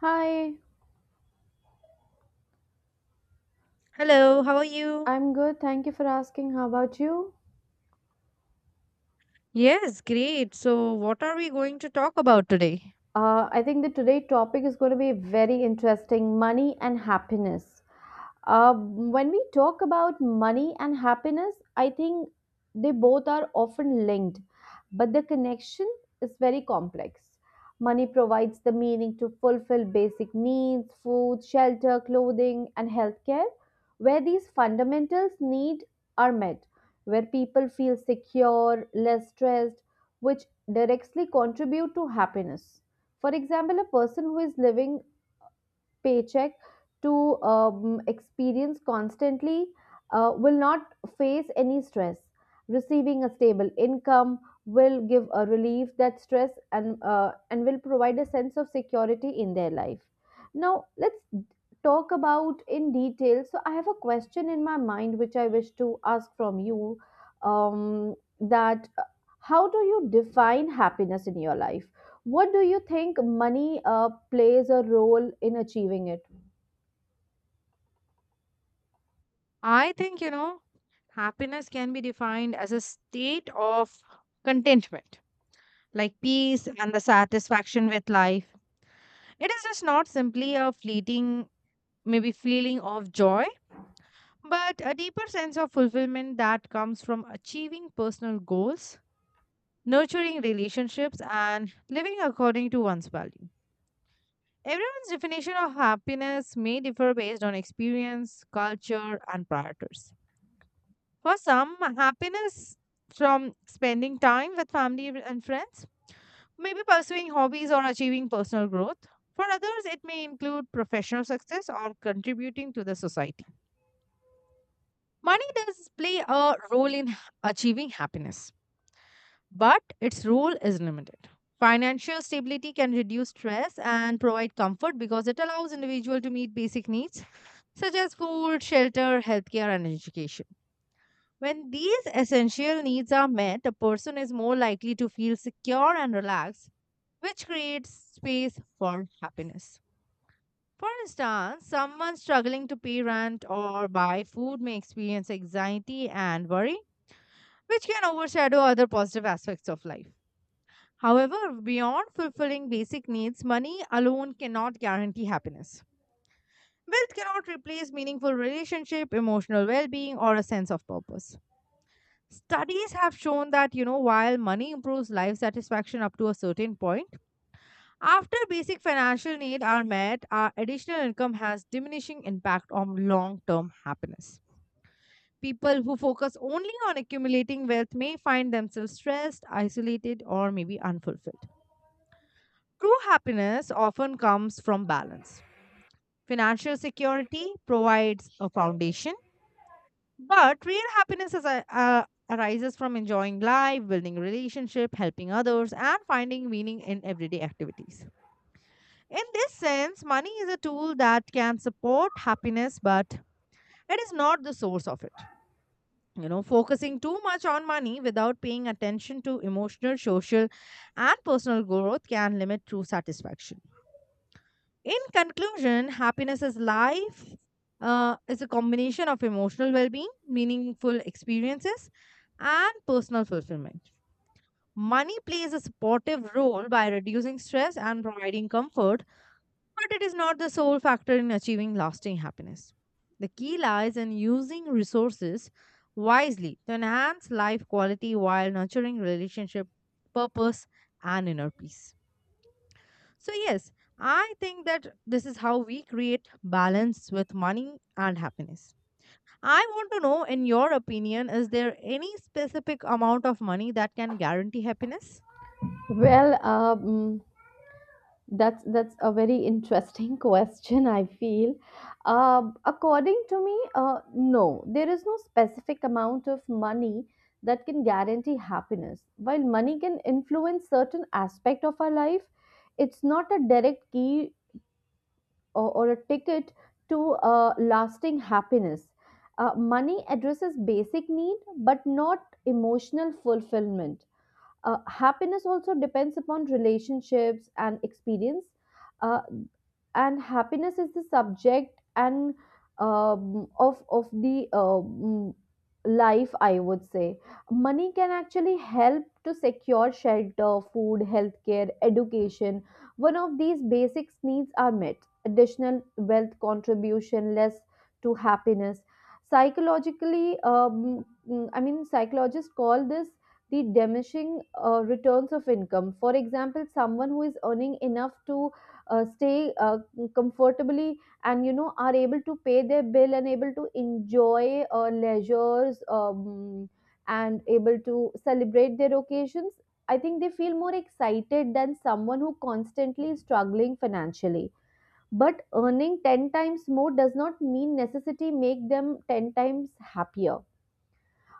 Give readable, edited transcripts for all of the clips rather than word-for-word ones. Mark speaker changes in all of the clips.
Speaker 1: Hi,
Speaker 2: Hello, how are you?
Speaker 1: I'm good. Thank you for asking. How about you?
Speaker 2: Yes, great. So, what are we going to talk about today?
Speaker 1: I think that today topic is going to be very interesting, money and happiness. When we talk about money and happiness, I think they both are often linked, but the connection is very complex. Money provides the meaning to fulfill basic needs, food, shelter, clothing, and healthcare. Where these fundamentals need are met, where people feel secure, less stressed, which directly contribute to happiness. For example, a person who is living paycheck to experience constantly will not face any stress. Receiving a stable income will give a relief that stress, and will provide a sense of security in their life. Now let's talk about in detail. So I have a question in my mind which I wish to ask from you. Um, that How do you define happiness in your life? What do you think money plays a role in achieving it?
Speaker 2: I think, happiness can be defined as a state of contentment, like peace and the satisfaction with life. It is just not simply a fleeting, maybe feeling of joy, but a deeper sense of fulfillment that comes from achieving personal goals, nurturing relationships, and living according to one's values. Everyone's definition of happiness may differ based on experience, culture, and priorities. For some, happiness from spending time with family and friends, maybe pursuing hobbies or achieving personal growth. For others, it may include professional success or contributing to the society. Money does play a role in achieving happiness, but its role is limited. Financial stability can reduce stress and provide comfort because it allows individual to meet basic needs such as food, shelter, healthcare, and education. When these essential needs are met, a person is more likely to feel secure and relaxed, which creates space for happiness. For instance, someone struggling to pay rent or buy food may experience anxiety and worry, which can overshadow other positive aspects of life. However, beyond fulfilling basic needs, money alone cannot guarantee happiness. Wealth cannot replace meaningful relationship, emotional well-being, or a sense of purpose. Studies have shown that, while money improves life satisfaction up to a certain point, after basic financial needs are met, our additional income has diminishing impact on long-term happiness. People who focus only on accumulating wealth may find themselves stressed, isolated, or maybe unfulfilled. True happiness often comes from balance. Financial security provides a foundation. But real happiness arises from enjoying life, building relationship, helping others, and finding meaning in everyday activities. In this sense, money is a tool that can support happiness, but it is not the source of it. You know, focusing too much on money without paying attention to emotional, social, and personal growth can limit true satisfaction. In conclusion, happiness is life. Is a combination of emotional well-being, meaningful experiences, and personal fulfillment. Money plays a supportive role by reducing stress and providing comfort, but it is not the sole factor in achieving lasting happiness. The key lies in using resources wisely to enhance life quality while nurturing relationship, purpose, and inner peace. So, yes, I think that this is how we create balance with money and happiness. I want to know, in your opinion, is there any specific amount of money that can guarantee happiness?
Speaker 1: Well, that's a very interesting question. I feel, according to me, no, there is no specific amount of money that can guarantee happiness. While money can influence certain aspect of our life, it's not a direct key or a ticket to a lasting happiness. Money addresses basic need but not emotional fulfillment. Happiness also depends upon relationships and experience. Uh, and happiness is the subject and of the life I would say money can actually help to secure shelter, food, healthcare, education. One of these basic needs are met, additional wealth contribution less to happiness psychologically. I mean psychologists call this the diminishing returns of income. For example, someone who is earning enough to stay comfortably and you know are able to pay their bill and able to enjoy leisures and able to celebrate their occasions. I think they feel more excited than someone who constantly is struggling financially. But earning 10 times more does not mean necessity make them 10 times happier.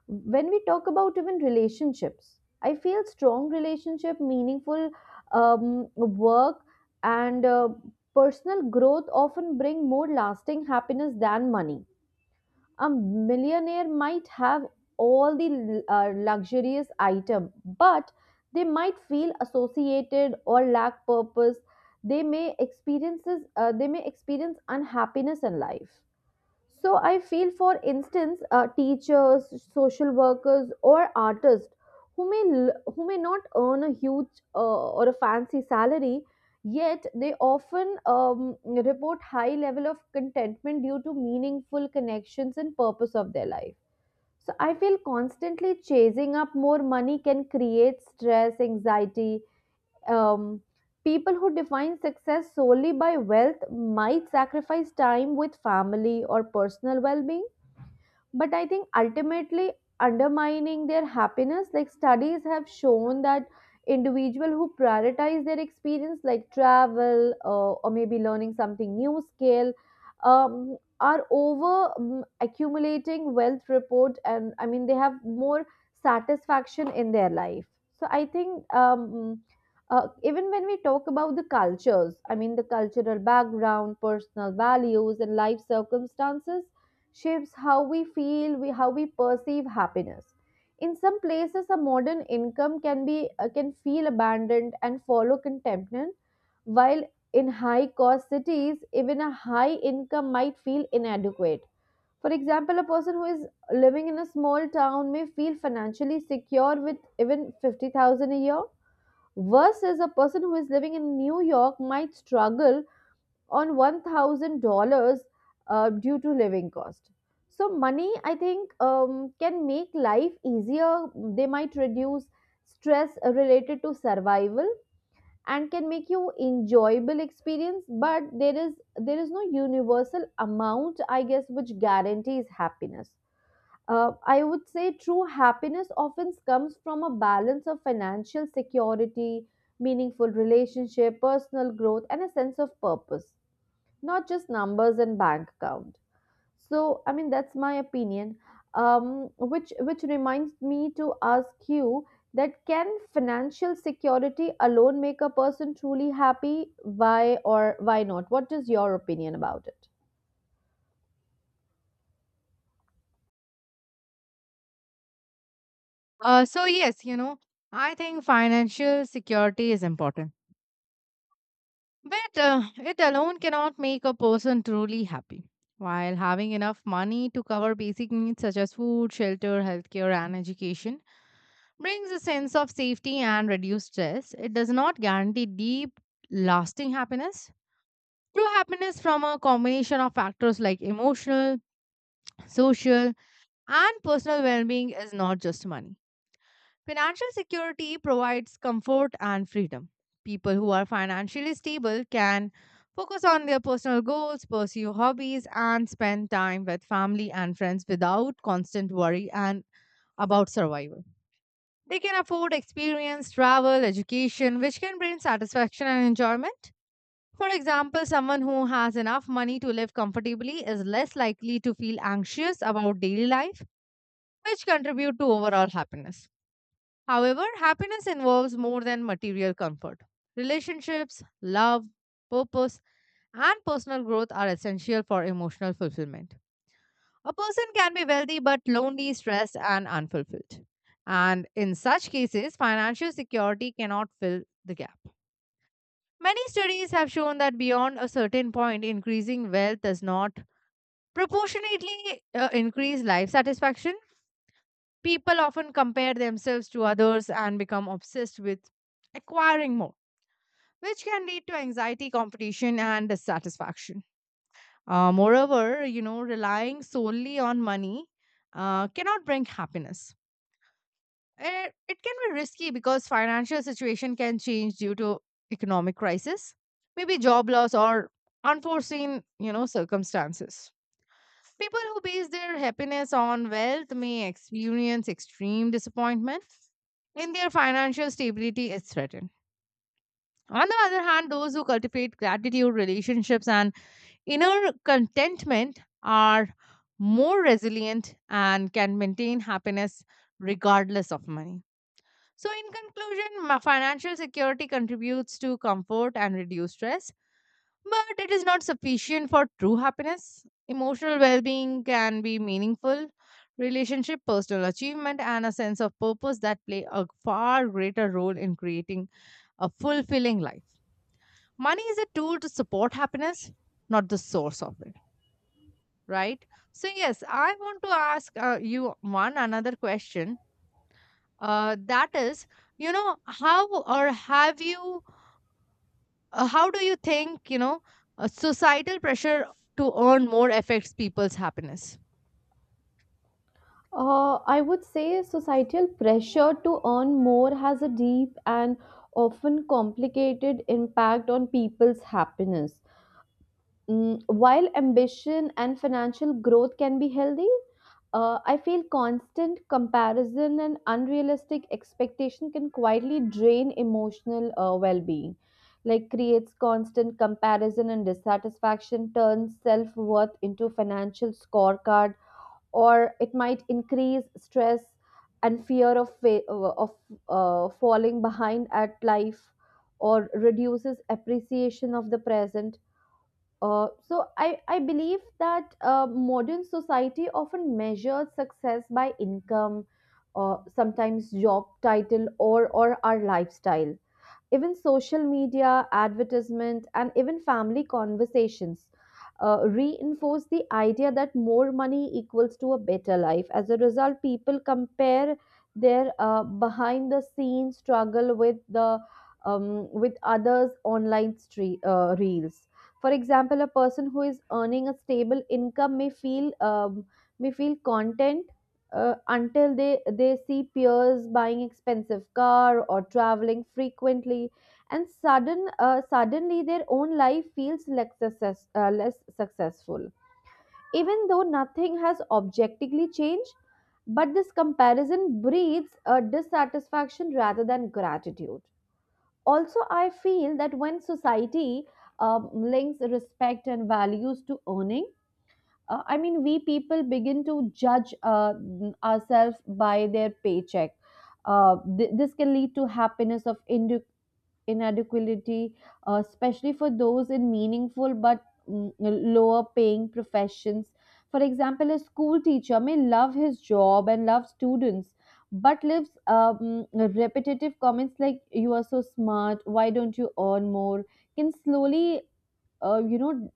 Speaker 1: When we talk about even relationships, I feel strong relationship meaningful um, work and personal growth often bring more lasting happiness than money. A millionaire might have all the luxurious item, but they might feel associated or lack purpose. They may experience unhappiness in life. So I feel, for instance, teachers, social workers, or artists who may not earn a huge or a fancy salary, yet they often report high level of contentment due to meaningful connections and purpose of their life. So I feel constantly chasing up more money can create stress, anxiety, um, people who define success solely by wealth might sacrifice time with family or personal well being, but I think ultimately undermining their happiness. Like studies have shown that individual who prioritize their experience like travel or maybe learning something new skill are over accumulating wealth report, and I mean they have more satisfaction in their life. So I think Even when we talk about the cultures, I mean the cultural background, personal values, and life circumstances shapes how we feel, we how we perceive happiness. In some places, a modern income can be can feel abandoned and follow contentment, while in high-cost cities, even a high income might feel inadequate. For example, a person who is living in a small town may feel financially secure with even 50,000 a year, versus a person who is living in New York might struggle on $1,000 due to living cost. So money, I think, can make life easier. They might reduce stress related to survival and can make you enjoyable experience. But there is no universal amount, I guess, which guarantees happiness. I would say true happiness often comes from a balance of financial security, meaningful relationship, personal growth, and a sense of purpose, not just numbers and bank account. So i mean that's my opinion, which reminds me to ask you that can financial security alone make a person truly happy, why or why not, what is your opinion about it?
Speaker 2: So, yes, you know, I think financial security is important, but it alone cannot make a person truly happy. While having enough money to cover basic needs such as food, shelter, healthcare, and education, brings a sense of safety and reduced stress. It does not guarantee deep, lasting happiness. True happiness from a combination of factors like emotional, social, and personal well being is not just money. Financial security provides comfort and freedom. People who are financially stable can focus on their personal goals, pursue hobbies, and spend time with family and friends without constant worry and about survival. They can afford experience, travel, education, which can bring satisfaction and enjoyment. For example, someone who has enough money to live comfortably is less likely to feel anxious about daily life, which contribute to overall happiness. However, happiness involves more than material comfort. Relationships, love, purpose, and personal growth are essential for emotional fulfillment. A person can be wealthy but lonely, stressed, and unfulfilled. And in such cases, financial security cannot fill the gap. Many studies have shown that beyond a certain point, increasing wealth does not proportionately increase life satisfaction. People often compare themselves to others and become obsessed with acquiring more, which can lead to anxiety, competition, and dissatisfaction. Moreover, you know, relying solely on money cannot bring happiness. It can be risky because financial situation can change due to economic crisis, maybe job loss or unforeseen, you know, circumstances. People who base their happiness on wealth may experience extreme disappointment in their financial stability is threatened. On the other hand, those who cultivate gratitude, relationships, and inner contentment are more resilient and can maintain happiness regardless of money. So, in conclusion, financial security contributes to comfort and reduced stress, but it is not sufficient for true happiness. Emotional well being can be meaningful, relationship, personal achievement, and a sense of purpose that play a far greater role in creating a fulfilling life. Money is a tool to support happiness, not the source of it, right? So, yes, I want to ask you one another question. That is, you know, how do you think, you know, societal pressure to earn more affects people's happiness?
Speaker 1: I would say societal pressure to earn more has a deep and often complicated impact on people's happiness. Mm, while ambition and financial growth can be healthy, I feel constant comparison and unrealistic expectation can quietly drain emotional well being. Like, creates constant comparison and dissatisfaction, turns self worth into financial scorecard, or it might increase stress and fear of, fa- of falling behind at life, or reduces appreciation of the present. So I believe that modern society often measures success by income, sometimes job title or our lifestyle. Even social media, advertisement, and even family conversations reinforce the idea that more money equals to a better life. As a result, people compare their behind the scenes struggle with the with others' online reels. For example, a person who is earning a stable income may feel content until they see peers buying expensive car or traveling frequently, and suddenly their own life feels less successful, even though nothing has objectively changed. But this comparison breeds a dissatisfaction rather than gratitude. Also I feel that when society links respect and values to earning, I mean we people begin to judge ourselves by their paycheck. This can lead to happiness of individuals inadequality, especially for those in meaningful but mm, lower paying professions. For example, a school teacher may love his job and love students, but lives repetitive comments like "you are so smart," "why don't you earn more" can slowly uh, you know,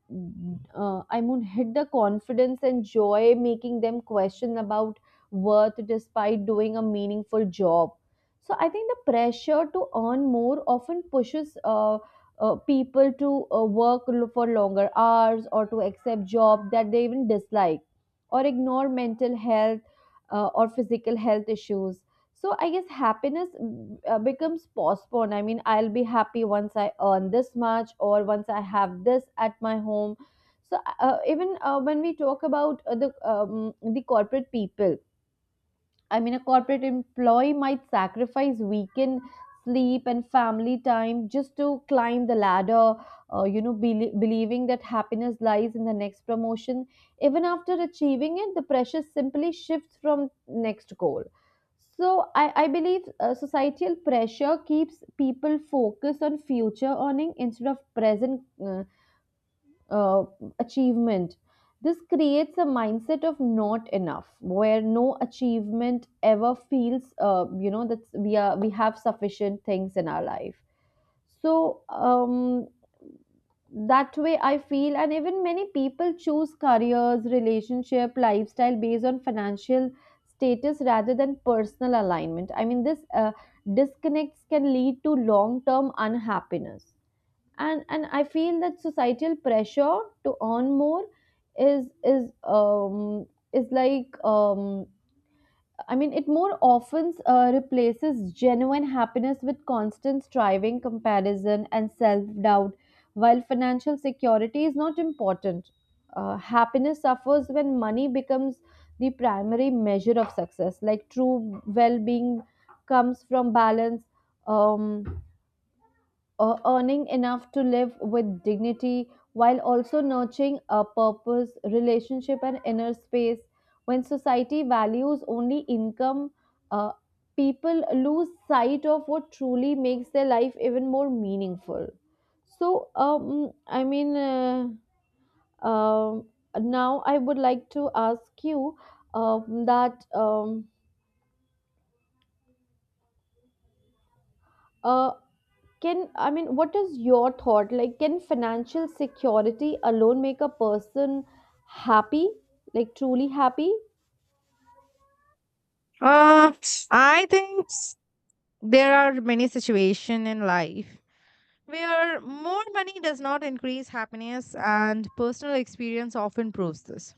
Speaker 1: hit the confidence and joy, making them question about worth despite doing a meaningful job. So I think the pressure to earn more often pushes people to for longer hours or to accept jobs that they even dislike or ignore mental health or physical health issues. So I guess happiness becomes postponed. I mean, I'll be happy once I earn this much or once I have this at my home. So even when we talk about the corporate people, I mean, a corporate employee might sacrifice weekend sleep and family time just to climb the ladder, you know, believing that happiness lies in the next promotion. Even after achieving it, the pressure simply shifts from next goal. So I believe societal pressure keeps people focused on future earning instead of present uh, achievement. This creates a mindset of not enough, where no achievement ever feels, you know, that we have sufficient things in our life. So um, that way, I feel, and even many people choose careers, relationship, lifestyle based on financial status rather than personal alignment. I mean, this disconnects can lead to long term unhappiness. And I feel that societal pressure to earn more is is um is like I mean it more often replaces genuine happiness with constant striving, comparison, and self doubt. While financial security is not important, happiness suffers when money becomes the primary measure of success. Like true well being comes from balance, um earning enough to live with dignity while also nurturing a purpose, relationship, and inner space. When society values only income, uh, people lose sight of what truly makes their life even more meaningful. So, um, I mean, uh, um Now I would like to ask you that uh, Can I mean, what is your thought? Like, can financial security alone make a person happy, like truly happy?
Speaker 2: Uh, I think there are many situations in life where more money does not increase happiness, and personal experience often proves this.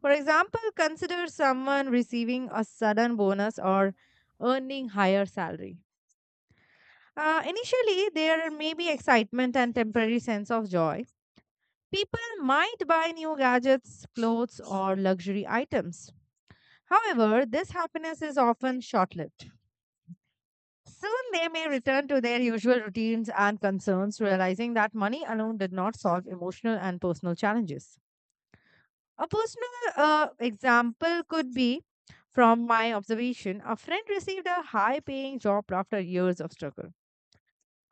Speaker 2: For example, consider someone receiving a sudden bonus or earning higher salary. Initially, there may be excitement and temporary sense of joy. People might buy new gadgets, clothes, or luxury items. However, this happiness is often short lived. Soon they may return to their usual routines and concerns, realizing that money alone did not solve emotional and personal challenges. A personal example could be from my observation a friend received a high paying job after years of struggle.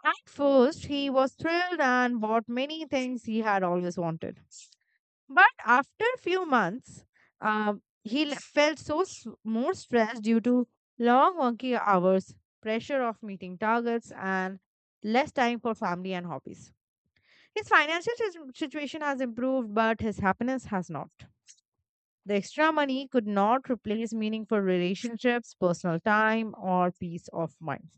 Speaker 2: At first, he was thrilled and bought many things he had always wanted. But after few months, uh, he felt more stressed due to long working hours, pressure of meeting targets, and less time for family and hobbies. His financial situation has improved, but his happiness has not. The extra money could not replace meaningful relationships, personal time, or peace of mind.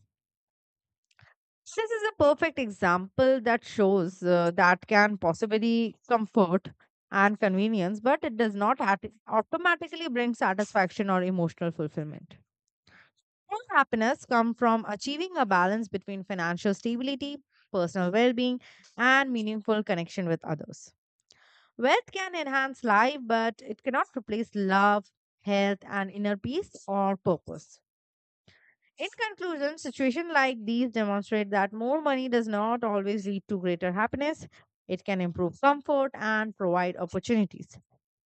Speaker 2: This is a perfect example that shows that can possibly comfort and convenience, but it does not automatically bring satisfaction or emotional fulfillment. True happiness comes from achieving a balance between financial stability, personal well being, and meaningful connection with others. Wealth can enhance life, but it cannot replace love, health, and inner peace or purpose. In conclusion, situations like these demonstrate that more money does not always lead to greater happiness. It can improve comfort and provide opportunities.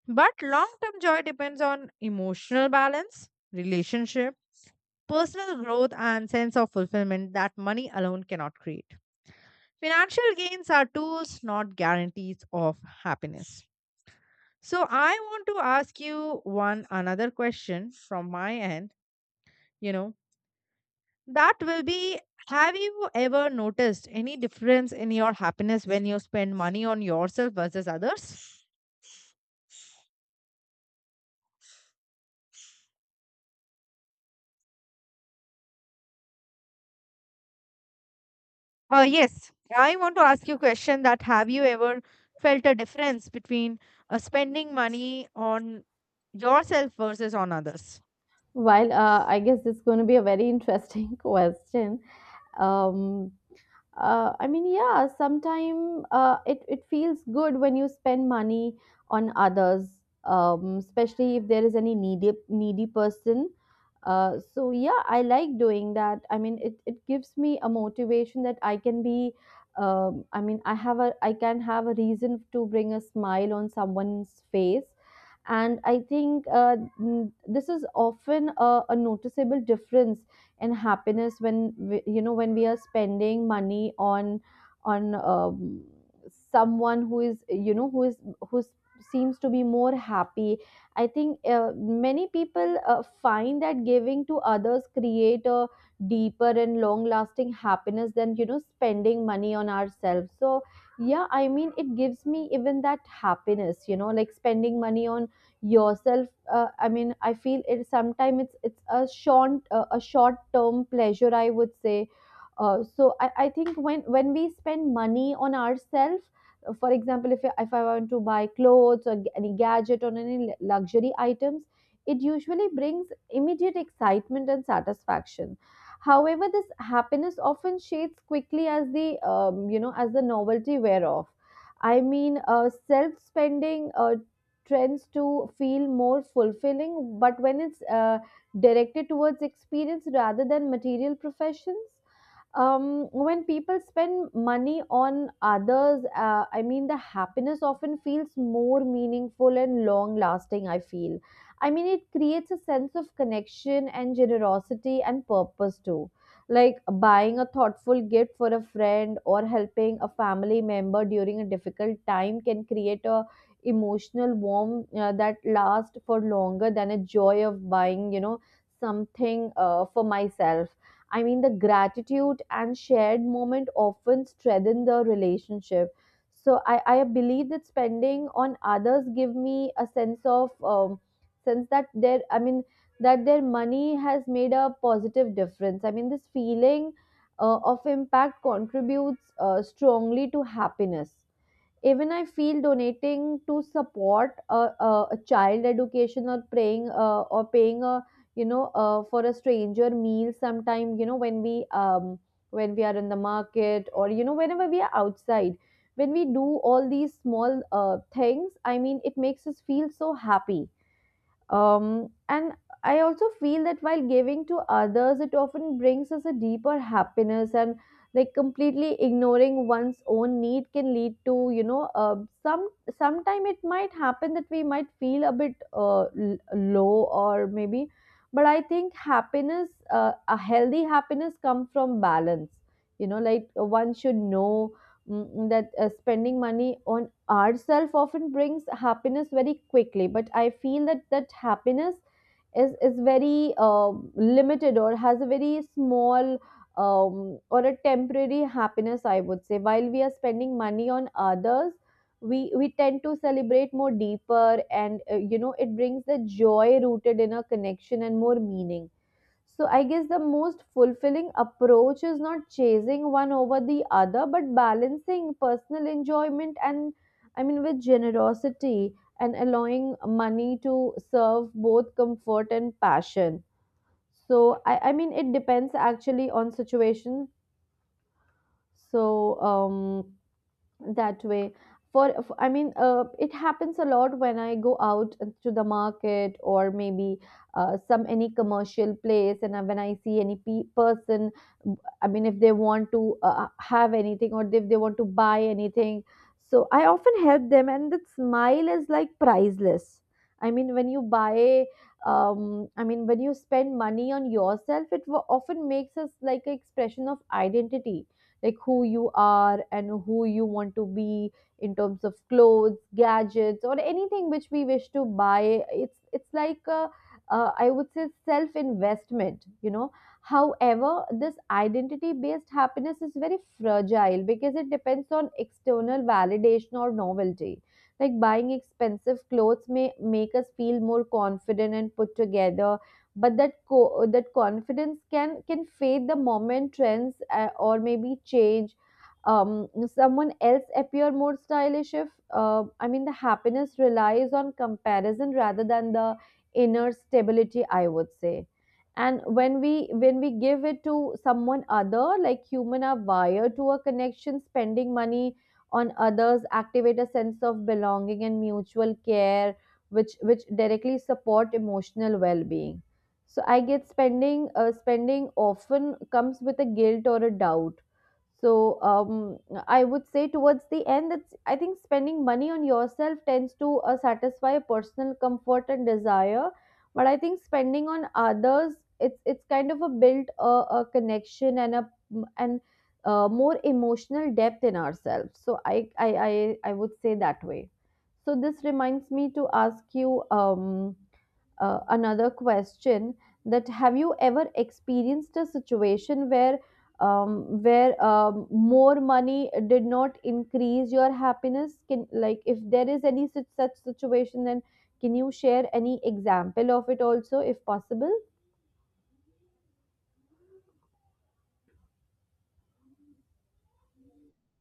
Speaker 2: But long term joy depends on emotional balance, relationship, personal growth, and sense of fulfillment that money alone cannot create. Financial gains are tools, not guarantees of happiness. So, I want to ask you one another question from my end. You know, that will be, have you ever noticed any difference in your happiness when you spend money on yourself versus others? Yes, I want to ask you a question that have you ever felt a difference between spending money on yourself versus on others?
Speaker 1: While I guess this is going to be a very interesting question. Um, yeah, sometimes it feels good when you spend money on others, especially if there is any needy needy person. So yeah, I like doing that. I mean, it gives me a motivation that I can be. I mean, I have a I can have a reason to bring a smile on someone's face, and I think this is often a noticeable difference in happiness when we, you know when we are spending money on on um, someone who is, you know, who is, who seems to be more happy. I think many people find that giving to others create a deeper and long lasting happiness than, you know, spending money on ourselves. So yeah, I mean it gives me even that happiness, you know, like spending money on yourself. I mean, I feel it sometimes, it's a short term pleasure, I would say. So I think when we spend money on ourselves. For example, if I want to buy clothes or any gadget or any luxury items, it usually brings immediate excitement and satisfaction. However, this happiness often shades quickly as the you know as the novelty wear off. I mean, self spending trends to feel more fulfilling, but when it's directed towards experience rather than material professions. When people spend money on others, I mean, the happiness often feels more meaningful and long lasting, I feel. I mean, it creates a sense of connection and generosity and purpose too. Like buying a thoughtful gift for a friend or helping a family member during a difficult time can create a emotional warmth that lasts for longer than a joy of buying, you know, something for myself. I mean, the gratitude and shared moment often strengthen the relationship. So I believe that spending on others give me a sense of sense that their, I mean, that their money has made a positive difference. I mean, this feeling of impact contributes strongly to happiness. Even I feel donating to support a child education or praying or paying a, you know, for a stranger meal sometime, you know, when we are in the market, or, you know, whenever we are outside, when we do all these small things, I mean it makes us feel so happy. And I also feel that while giving to others, it often brings us a deeper happiness, and like completely ignoring one's own need can lead to, you know, some sometime it might happen that we might feel a bit low, or maybe, but I think happiness, a healthy happiness, comes from balance. You know, like one should know that spending money on ourself often brings happiness very quickly, but I feel that that happiness is very limited, or has a very small or a temporary happiness, I would say. While we are spending money on others, we tend to celebrate more deeper, and, you know, it brings the joy rooted in a connection and more meaning. So I guess the most fulfilling approach is not chasing one over the other, but balancing personal enjoyment and, I mean, with generosity and allowing money to serve both comfort and passion. So I mean it depends actually on situation. So that way for I mean, it happens a lot when I go out to the market, or maybe some any commercial place, and when I see any person, I mean if they want to have anything, or if they want to buy anything, so I often help them, and that smile is like priceless. I mean when you buy I mean when you spend money on yourself, it often makes us like an expression of identity, like who you are and who you want to be in terms of clothes, gadgets, or anything which we wish to buy. It's like a, I would say self investment, you know. However, this identity based happiness is very fragile because it depends on external validation or novelty. Like buying expensive clothes may make us feel more confident and put together, but that confidence can fade the moment trends or maybe change. Someone else appear more stylish. If I mean, the happiness relies on comparison rather than the inner stability, I would say. And when we give it to someone other, like human are wired to a connection. Spending money on others activate a sense of belonging and mutual care, which directly support emotional well-being. So I get spending often comes with a guilt or a doubt. So um, I would say towards the end that I think spending money on yourself tends to satisfy personal comfort and desire, but I think spending on others, it's kind of a built a connection, and more emotional depth in ourselves. So I would say that way. So this reminds me to ask you. Another question, that have you ever experienced a situation where, where more money did not increase your happiness? Can, like, if there is any such situation, then can you share any example of it also, if possible?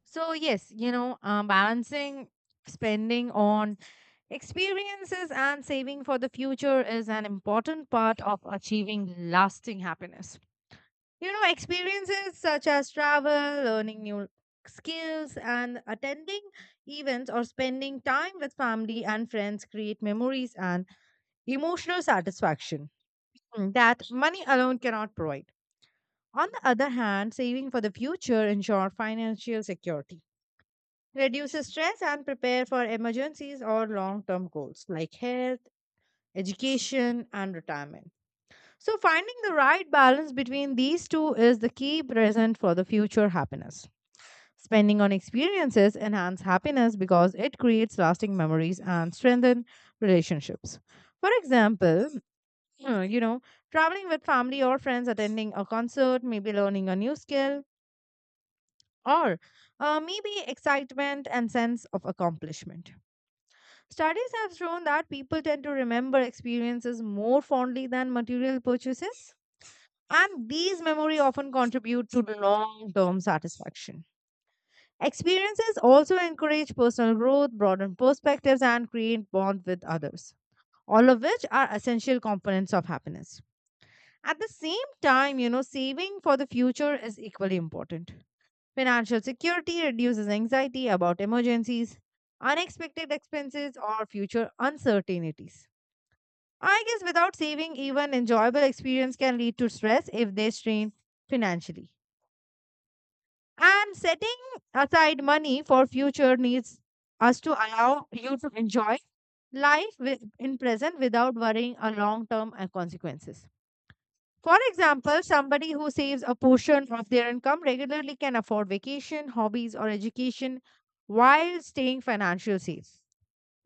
Speaker 2: So, yes, you know, balancing spending on experiences and saving for the future is an important part of achieving lasting happiness. You know, experiences such as travel, learning new skills, and attending events or spending time with family and friends create memories and emotional satisfaction that money alone cannot provide. On the other hand, saving for the future ensures financial security, reduces stress, and prepare for emergencies or long term goals like health, education, and retirement. So, finding the right balance between these two is the key present for the future happiness. Spending on experiences enhance happiness because it creates lasting memories and strengthen relationships. For example, you know, traveling with family or friends, attending a concert, maybe learning a new skill, or maybe excitement and sense of accomplishment. Studies have shown that people tend to remember experiences more fondly than material purchases, and these memory often contribute to long-term satisfaction. Experiences also encourage personal growth, broaden perspectives, and create bond with others, all of which are essential components of happiness. At the same time, you know, saving for the future is equally important. Financial security reduces anxiety about emergencies, unexpected expenses, or future uncertainties. I guess without saving, even enjoyable experience can lead to stress if they strain financially. And setting aside money for future needs us to allow you to enjoy life with, in present without worrying a long term consequences. For example, somebody who saves a portion of their income regularly can afford vacation, hobbies, or education while staying financially safe.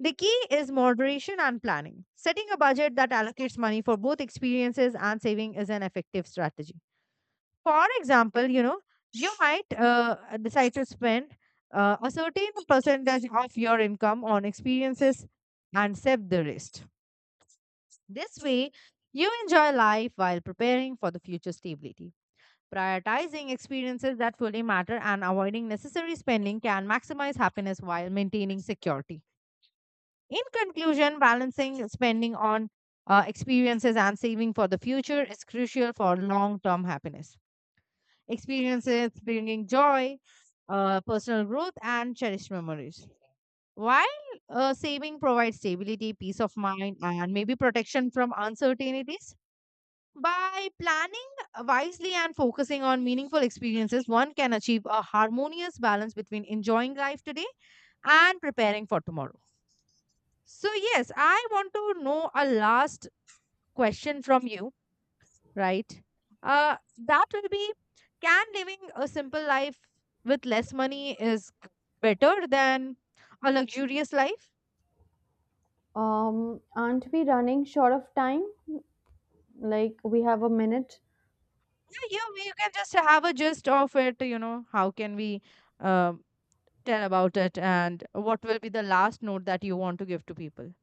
Speaker 2: The key is moderation and planning. Setting a budget that allocates money for both experiences and saving is an effective strategy. For example, you know, you might decide to spend a certain percentage of your income on experiences and save the rest. This way, you enjoy life while preparing for the future stability. Prioritizing experiences that fully matter and avoiding necessary spending can maximize happiness while maintaining security. In conclusion, balancing spending on experiences and saving for the future is crucial for long term happiness experiences bringing joy, personal growth, and cherished memories. While saving provides stability, peace of mind, and maybe protection from uncertainties, by planning wisely and focusing on meaningful experiences, one can achieve a harmonious balance between enjoying life today and preparing for tomorrow. So, yes, I want to know a last question from you, right? That will be, can living a simple life with less money is better than a luxurious life?
Speaker 1: Aren't we running short of time? Like we have a minute.
Speaker 2: Yeah, you can just have a gist of it, you know, how can we um, tell about it and what will be the last note that you want to give to people?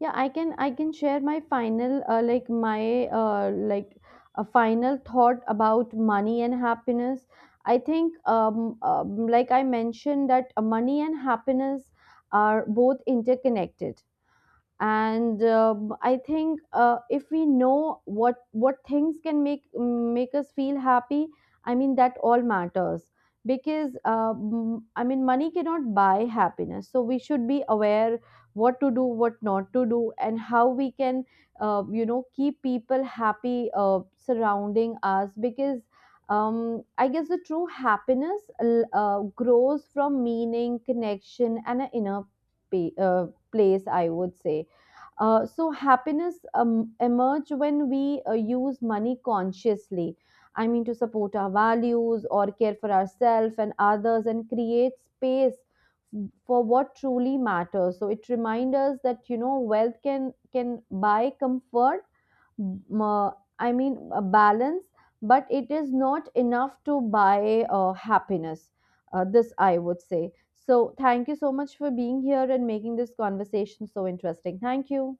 Speaker 1: Yeah, I can share my final like my like a final thought about money and happiness. I think um, um like I mentioned that, money and happiness are both interconnected, and I think if we know what things can make us feel happy, I mean that all matters. Because, I mean, money cannot buy happiness, so we should be aware what to do, what not to do, and how we can, you know, keep people happy surrounding us. Because, I guess the true happiness grows from meaning, connection, and an inner pa- uh, place, I would say. So happiness emerge when we use money consciously. I mean, to support our values or care for ourselves and others, and create space for what truly matters. So it reminds us that, you know, wealth can buy comfort, m- uh, I mean a balance, but it is not enough to buy happiness. This I would say. So thank you so much for being here and making this conversation so interesting. Thank you.